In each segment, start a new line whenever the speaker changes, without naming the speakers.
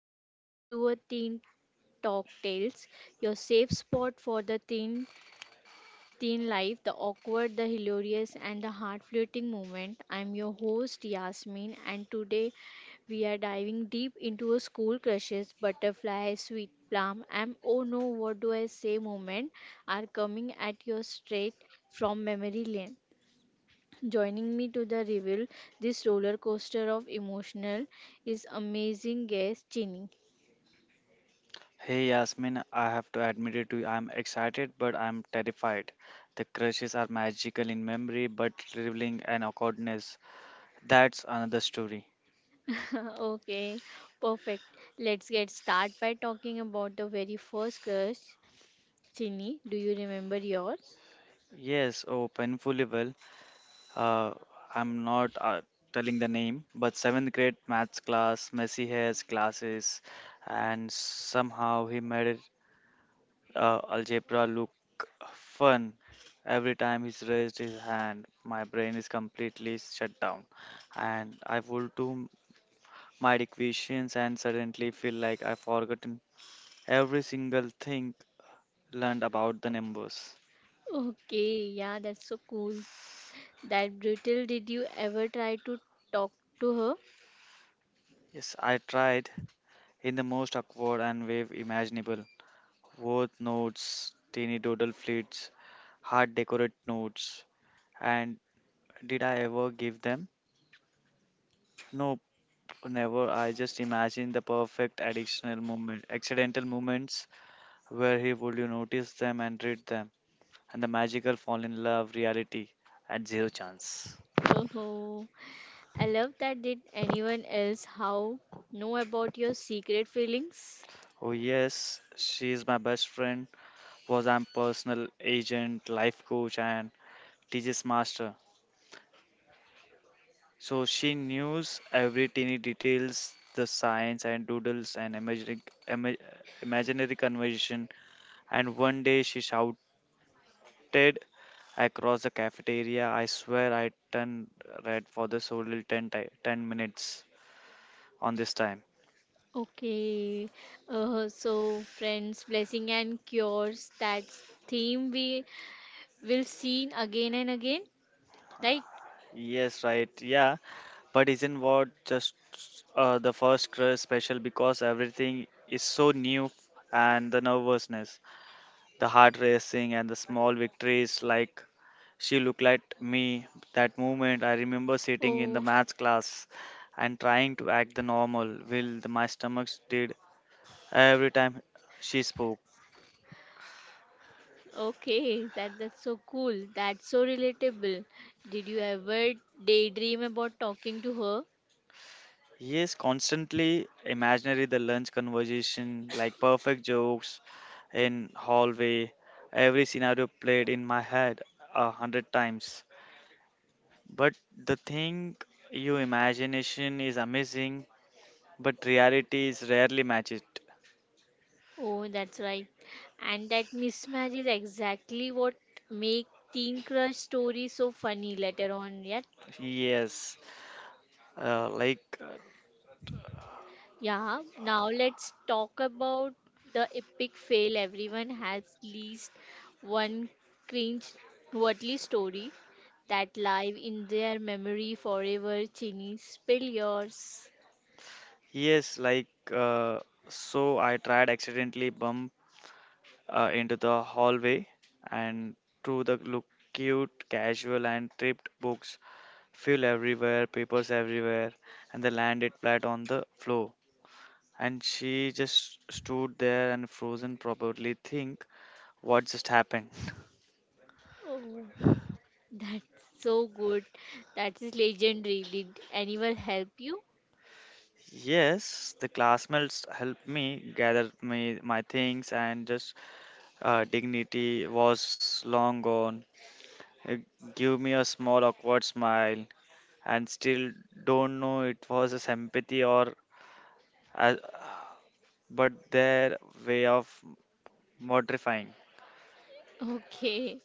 welcome back to a Teen Talk Tales, your safe spot for the teen life, the awkward, the hilarious and the heart-floating moment. I'm your host Yasmin and today we are diving deep into a school crushes, butterfly, sweet plum, and oh no, what do I say moment are coming at you straight from memory lane. Joining me to the reveal this roller coaster of emotional is amazing guest Chini.
Hey Yasmin, I have to admit it to you, I'm excited but I'm terrified. The crushes are magical in memory but revealing an awkwardness. That's another story.
Okay, perfect. Let's get started by talking about the very first crush. Chini, do you remember yours?
Yes, oh, painfully well. Uh, I'm not telling the name, but seventh grade maths class, messy hairs, glasses, and somehow he made it, algebra look fun. Every time he's raised his hand, my brain is completely shut down, and I would do. My equations and suddenly feel like I've forgotten every single thing learned about the numbers.
Okay, yeah, that's so cool. That brutal, did you ever try to talk to her?
Yes, I tried in the most awkward and way imaginable. Word notes, teeny doodle fleets, hard decorate notes. And did I ever give them? Nope, never. I just imagined the perfect additional moment, accidental moments where he would you notice them and read them, and the magical fall in love reality at zero chance.
Oh, I love that. Did anyone else how know about your secret feelings?
Oh yes, she is my best friend. Was I'm personal agent, life coach, and teaches master. So she knew every teeny details, the science and doodles and ima- imaginary conversation. And one day she shouted across the cafeteria, "I swear I turned red for the whole 10 minutes on this time."
Okay, so friends, blessing and cures, that's theme we will see again and again, right?
Yes, right. Yeah, but isn't what just the first crush special because everything is so new and the nervousness, the heart racing and the small victories like she looked at me that moment I remember sitting in the
Oh,
maths class and trying to act the normal will the, my stomach did every time she spoke.
okay. That's so cool. That's so relatable. Did you ever daydream about talking to her?
Yes, constantly imaginary the lunch conversation, like perfect jokes in hallway. Every scenario played in my head a hundred times. But the thing, your imagination is amazing, but reality is rarely matched.
Oh, that's right. And that mismatch is exactly what make teen crush stories so funny later on. Yeah.
Yes, uh, like uh,
Yeah, now let's talk about the epic fail. Everyone has at least one cringe worthy story that live in their memory forever. Chini, spill yours.
yes, uh, so. I tried accidentally bump into the hallway and through the look cute, casual, and tripped books fuel everywhere, papers everywhere, and they landed flat on the floor. And she just stood there and frozen, probably think, what just happened?
Oh, that's so good. That is legendary. Did anyone help you?
Yes, the classmates helped me gather me my things, and just dignity was long gone. It gave me a small awkward smile, and still don't know it was a sympathy or, uh, but their way of mortifying.
Okay,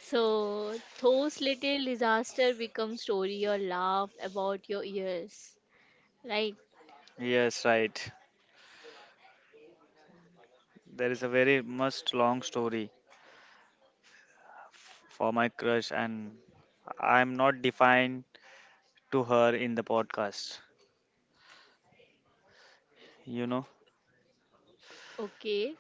so those little disaster become story or laugh about your ears, right?
Yes, right. There is a very much long story for my crush, and I'm not defined to her in the podcast. You know?
Okay,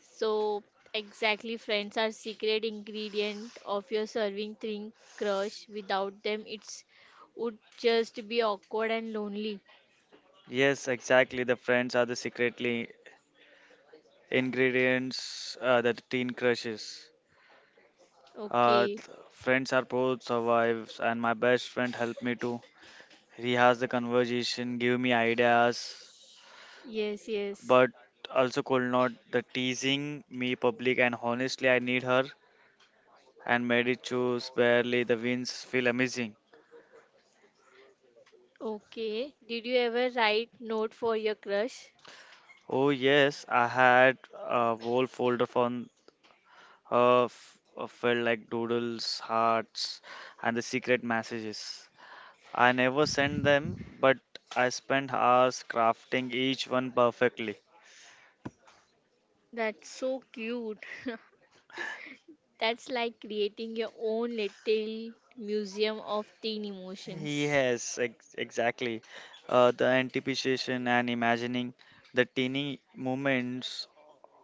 so, exactly, friends are secret ingredient of your serving thing crush. Without them, it's would just be awkward and lonely.
Yes, exactly. The friends are the secretly ingredients that teen crushes.
Okay.
Friends are both survives, and my best friend helped me too. He has the conversation, give me ideas,
Yes, yes.
but also could not the teasing me public. And honestly, I need her and made it choose barely the wins feel amazing.
Okay. Did you ever write note for your crush?
Oh yes, I had a whole folder from felt like doodles, hearts, and the secret messages. I never sent them, but I spent hours crafting each one perfectly.
That's so cute. That's like creating your own little museum of teen emotions.
Exactly. The anticipation and imagining the teeny moments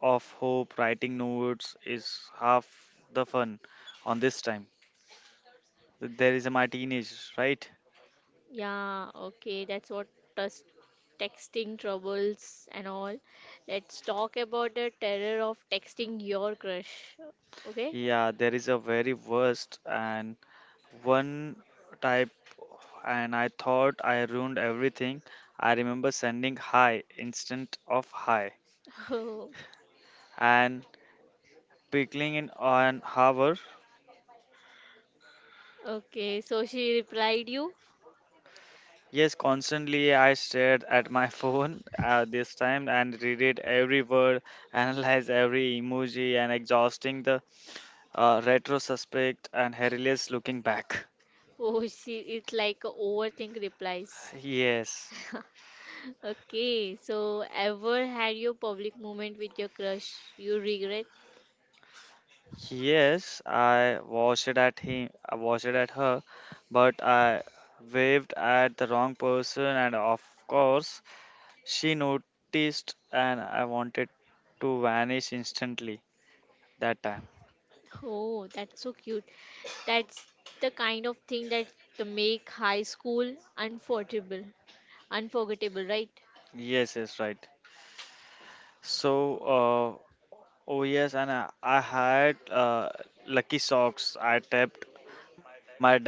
of hope writing notes is half the fun on this time. There is my teenage, right?
Yeah, okay, that's what us texting troubles and all. Let's talk about the terror of texting your crush. Okay?
Yeah, there is a very worst and one type, and I thought I ruined everything. I remember sending hi instant of hi
Oh,
and pickling in an hour.
okay. So she replied you.
Yes, constantly I stared at my phone this time and read it every word, analyze every emoji, and exhausting the retro suspect and hilarious looking back.
Oh, she it's like a overthink replies.
Yes.
Okay, so ever had your public moment with your crush you regret?
Yes, I watched it at him, I watched it at her, but I waved at the wrong person, and of course, she noticed, and I wanted to vanish instantly that time.
Oh, that's so cute. That's the kind of thing that the make high school unforgettable, unforgettable, right?
Yes, yes, right. So, uh, oh yes, and I had lucky socks. I tapped my desk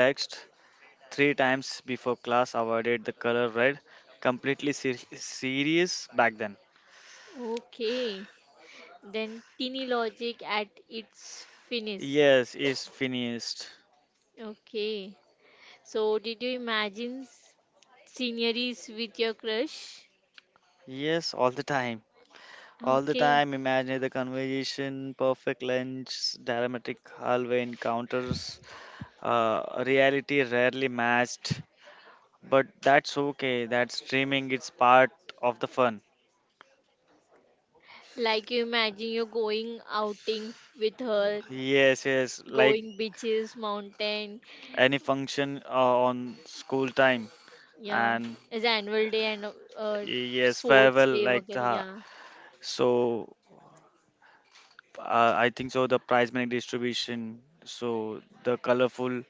three times before class, avoided the color red, completely serious back then.
Okay, then teeny logic at its finest.
Yes, is finished.
Okay, so did you imagine sceneries with your crush?
Yes, all the time. All the
Okay,
time, imagine the conversation, perfect lunch, dramatic hallway encounters, reality rarely matched. But that's okay, that's streaming, it's part of the fun.
like you imagine you're going outing with her,
Yes, yes, like
going beaches, mountain,
any function on school time.
yeah,
And
as annual day and uh,
yes,
sports
farewell,
day,
like
वगैरह.
the,
Yeah.
so I think so the prize money distribution, so the colorful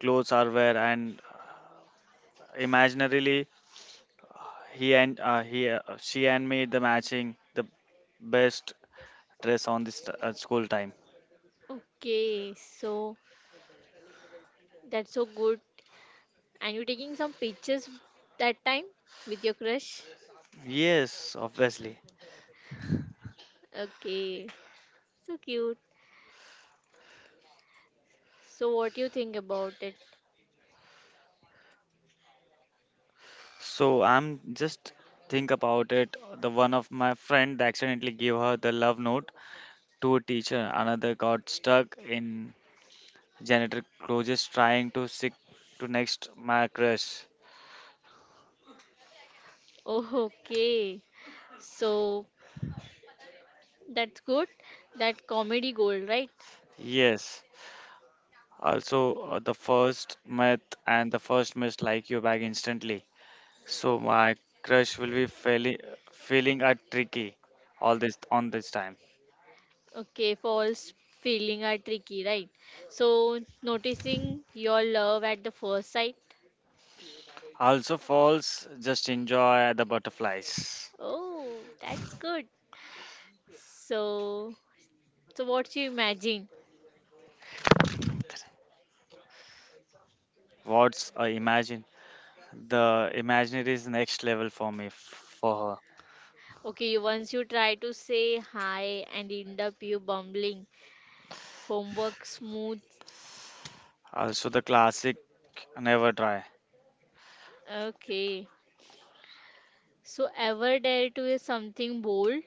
clothes are wear and imaginarily she and me the matching the best dress on this school time.
Okay, so that's so good. And you taking some pictures that time with your crush?
Yes, obviously.
Okay, so cute. So what do you think about it?
So I'm just think about it. The one of my friend accidentally gave her the love note to a teacher. Another got stuck in janitor clothes trying to stick to next my crush.
Oh, okay. So that's good. That comedy gold, right?
Yes. Also, the first met and the first miss like you back instantly. So my crush will be feeling a tricky all this on this time.
Okay, false feeling are tricky, right? So noticing your love at the first sight.
Also falls, just enjoy the butterflies.
Oh, that's good. So, so what you imagine?
What's I imagine? The imaginary is next level for me for her.
Okay, you- once you try to say hi and end up you bumbling, homework smooth.
Also the classic never try.
Okay. So ever dare to is something bold?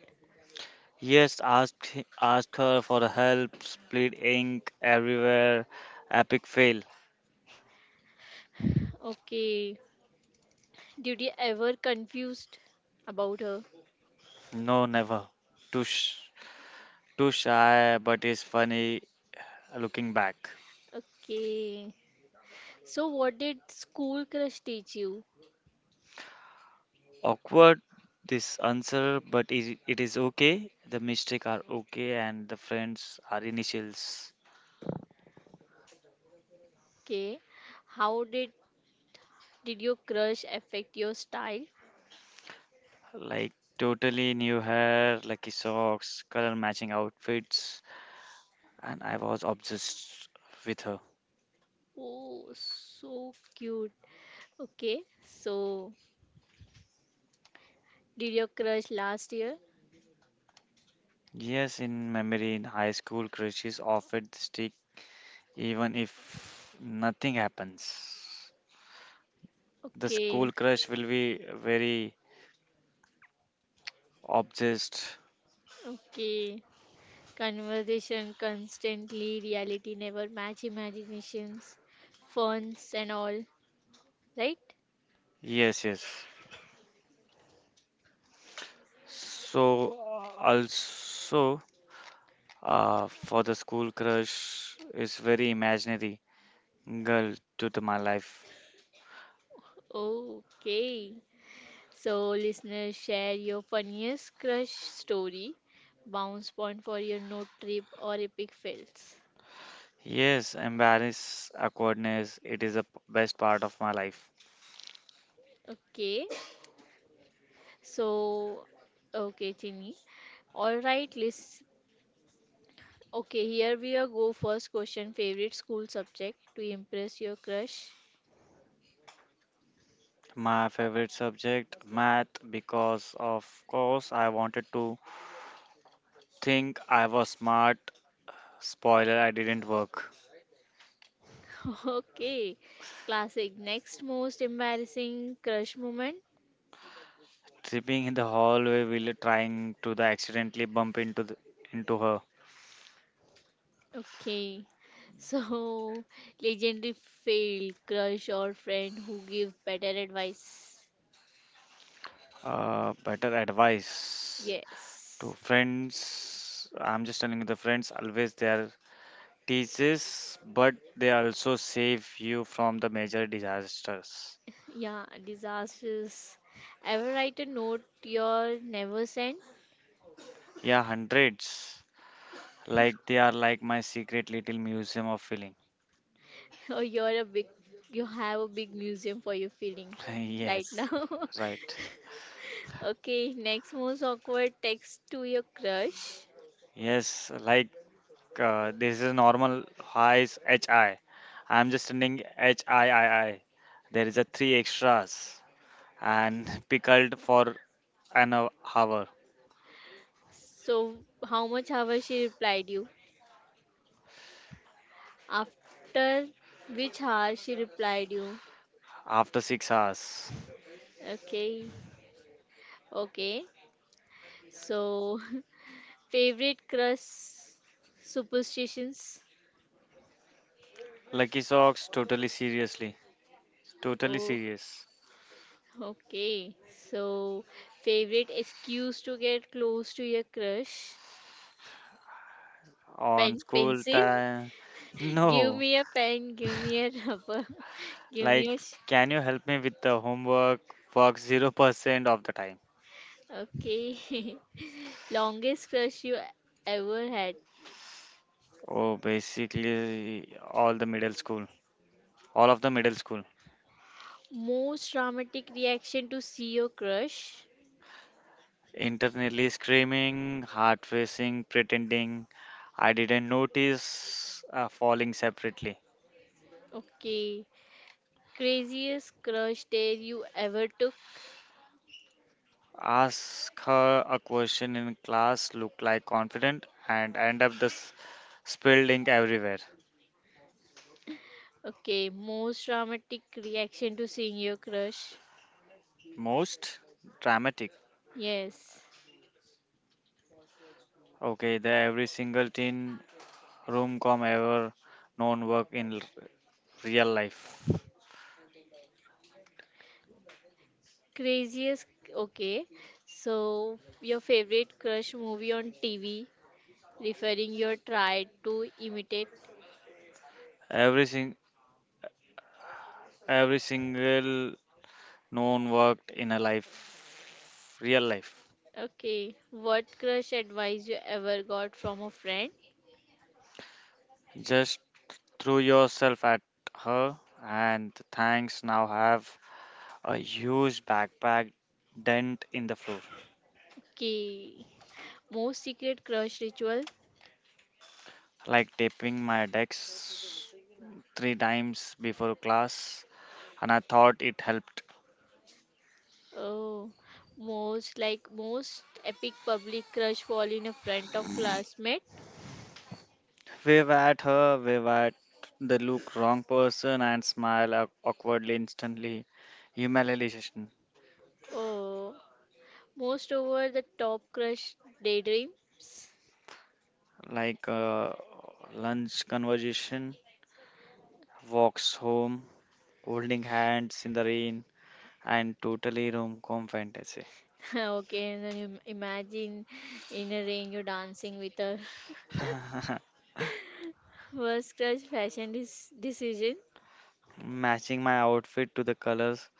Yes, ask her for help, split ink everywhere, epic fail.
Okay. Did you ever confused about her?
No, never. Too sh- Too shy, but is funny looking back.
Okay. So what did school crush teach you?
Awkward this answer but it is okay the mistake are okay and the friends are initials.
Okay. How did your crush affect your style?
Like totally new hair lucky socks color matching outfits and I was obsessed with her.
Oh, so cute. Okay. So did you crush last year?
Yes, in memory in high school crushes often stick even if nothing happens. The school
Okay,
crush will be very obsessed.
okay. Conversation constantly, reality never match imaginations, funs and all, right?
Yes, yes, so also. For the school crush is very imaginary girl to the, my life.
Okay. So, listeners, share your funniest crush story, bounce point for your note trip or epic fails.
Yes, embarrass awkwardness. It is the best part of my life.
Okay. So, okay, Chini. All right, list. Okay, here we are go first question favorite school subject to impress your crush.
My favorite subject, math, because of course I wanted to think I was smart. Spoiler, I didn't work.
Okay. Classic. Next most embarrassing crush moment.
Tripping in the hallway while trying to the accidentally bump into the, into her.
Okay. So legendary failed crush or friend who give better advice.
Better advice to
Yes.
friends. I'm just telling you the friends always there teaches, but they also save you from the major disasters.
Yeah, disasters. Ever write a note you're never sent.
Yeah, hundreds. Like they are like my secret little museum of feeling.
Or you're a big, you have a big museum for your feeling right
Yes,
now.
right.
Okay, next most awkward text to your crush.
Yes, this is normal highs HI. I'm just sending HIII. There is a three extras and pickled for an hour
So, how much hours she replied you? After which hour she replied you?
after 6 hours.
Okay, okay. So, favorite crush superstitions?
Lucky socks, totally seriously. Totally
Oh,
serious.
okay. So, favorite excuse to get close to your crush?
On
Pen,
school
pencil?
time.
Give
No,
me a pen, give me a rubber, give
like,
me a.
can you help me with the homework? Work 0% of the time.
Okay. Longest crush you ever had?
Oh, basically, all the middle school, all of the middle school.
Most dramatic reaction to see your crush?
Internally screaming, heart racing, pretending I didn't notice, falling separately.
Okay. Craziest crush dare you ever took?
Ask her a question in class, look like confident, and end up the spilled ink everywhere.
Okay. Most dramatic reaction to seeing your crush?
Most dramatic.
Yes.
Okay, the every single teen room com ever known work in real life.
Craziest. Okay. So, your favorite crush movie on TV, referring your try to imitate?
Every sing every single known worked in a life, real life.
Okay. What crush advice you ever got from a friend?
Just threw yourself at her, and thanks now have a huge backpack dent in the floor.
Okay. Most secret crush ritual?
Like taping my decks three times before class, and I thought it helped.
Oh, most like most epic public crush fall in a front of classmate.
Wave at her, wave at the look wrong person, and smile awkwardly instantly. Humiliation,
Oh, most over the top crush daydreams.
like lunch conversation, walks home, holding hands in the rain, and totally rom-com fantasy.
Okay, and then imagine in a rain you're dancing with her. Worst crush fashion decision.
Matching my outfit to the colors,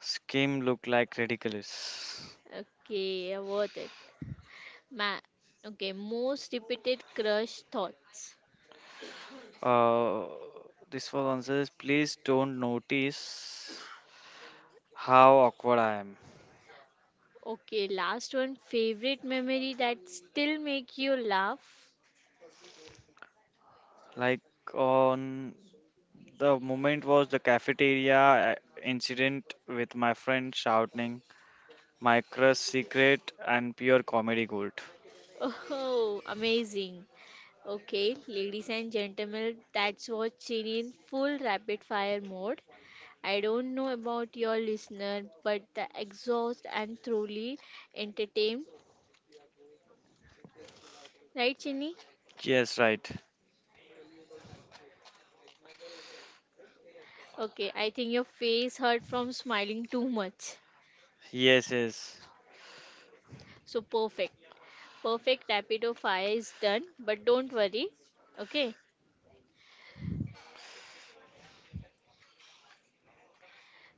scheme look like ridiculous.
Okay, yeah, worth it. Ma- okay, most repeated crush thoughts.
Uh, this was answers. Please don't notice how awkward I am.
Okay, last one. Favorite memory that still make you laugh.
Like on the moment was the cafeteria incident with my friend shouting my crush secret and pure comedy gold.
Oh, amazing. Okay, ladies and gentlemen, that's what Chin in full rapid fire mode. I don't know about your listener, but the exhaust and thoroughly entertained. Right, Chini?
Yes, right.
Okay, I think your face hurt from smiling too much.
Yes, yes.
So perfect. Perfect rapid fire is done, but don't worry. Okay.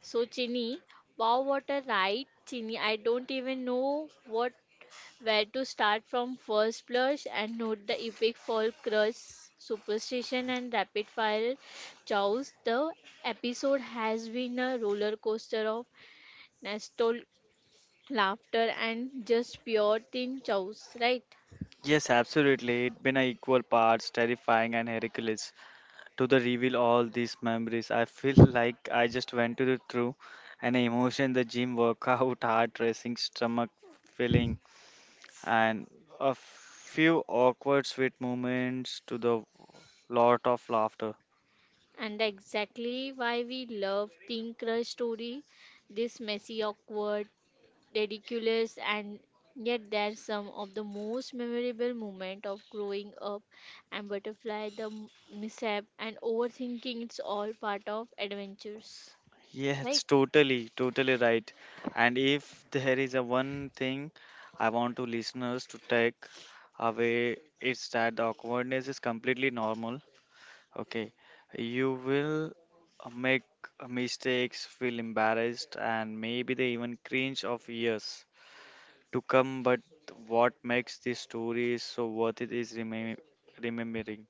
So Chini, wow, what a ride, Chini. I don't even know what where to start from first blush and note the epic fall crush, superstition, and rapid fire chows. The episode has been a roller coaster of nostalgia, laughter, and just pure teen chows, right?
Yes, absolutely. It been a equal parts terrifying and ridiculous to the reveal all these memories. I feel like I just went to the through an emotion, the gym workout, heart racing, stomach filling, and a few awkward sweet moments to the lot of laughter.
And exactly why we love teen crush story. This messy, awkward, ridiculous and yet they're some of the most memorable moment of growing up and butterfly the mishap and overthinking it's all part of adventures, right?
Yes, totally, totally right. And if there is a one thing I want to listeners to take away, it's that the awkwardness is completely normal. Okay, you will make mistakes, feel embarrassed, and maybe they even cringe of years to come. But what makes this story so worth it is remembering.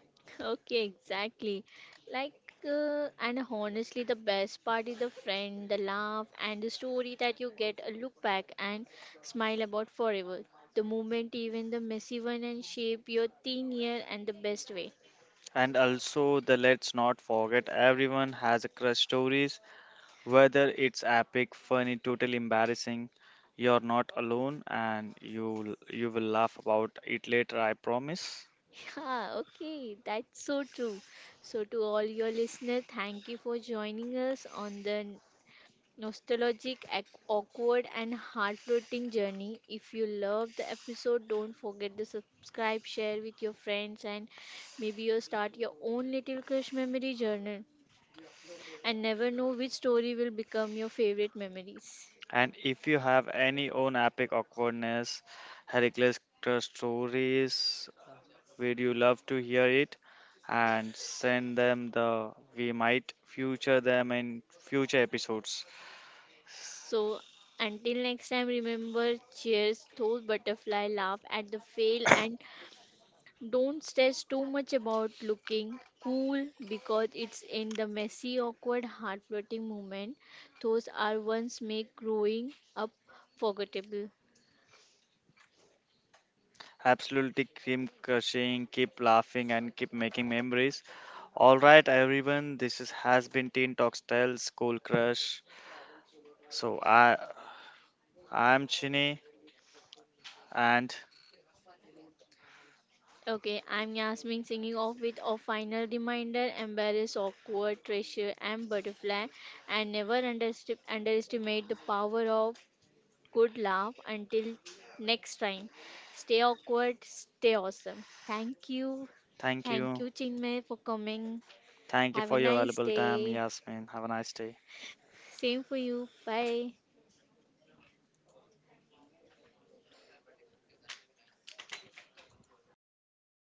Okay, exactly like and honestly the best part is the friend the laugh and the story that you get a look back and smile about forever, the moment even the messy one and shape your teen year and the best way.
And also, the let's not forget everyone has a crush stories. Whether it's epic, funny, totally embarrassing, you're not alone and you will laugh about it later, I promise.
Yeah, okay, that's so true. So, to all your listeners, thank you for joining us on the nostalgic, awkward, and heart floating journey. If you love the episode, don't forget to subscribe, share with your friends, and maybe you'll start your own little crush memory journal and never know which story will become your favorite memories.
And if you have any own epic awkwardness, Heracles stories, we'd you love to hear it and send them the we might feature them in future episodes.
So, until next time, remember cheers, toast, butterfly, laugh at the fail, and don't stress too much about looking cool because it's in the messy, awkward, heartbreaking moment. Those are ones make growing up forgettable.
Absolutely cream crushing, keep laughing and keep making memories. All right, everyone. This is has been Teen Talk Style School Crush. So I I'm Chini, and
Okay, I'm Yasmin singing off with a final reminder embarrass, awkward, treasure, and butterfly, and never underestimate the power of good laugh until next time. Stay awkward, stay awesome. Thank you.
thank
Thank
you,
you, Chinmay, for coming.
thank you
Have a
for your
nice
valuable time,
day.
Yasmin. Have a nice day.
Same for you. Bye.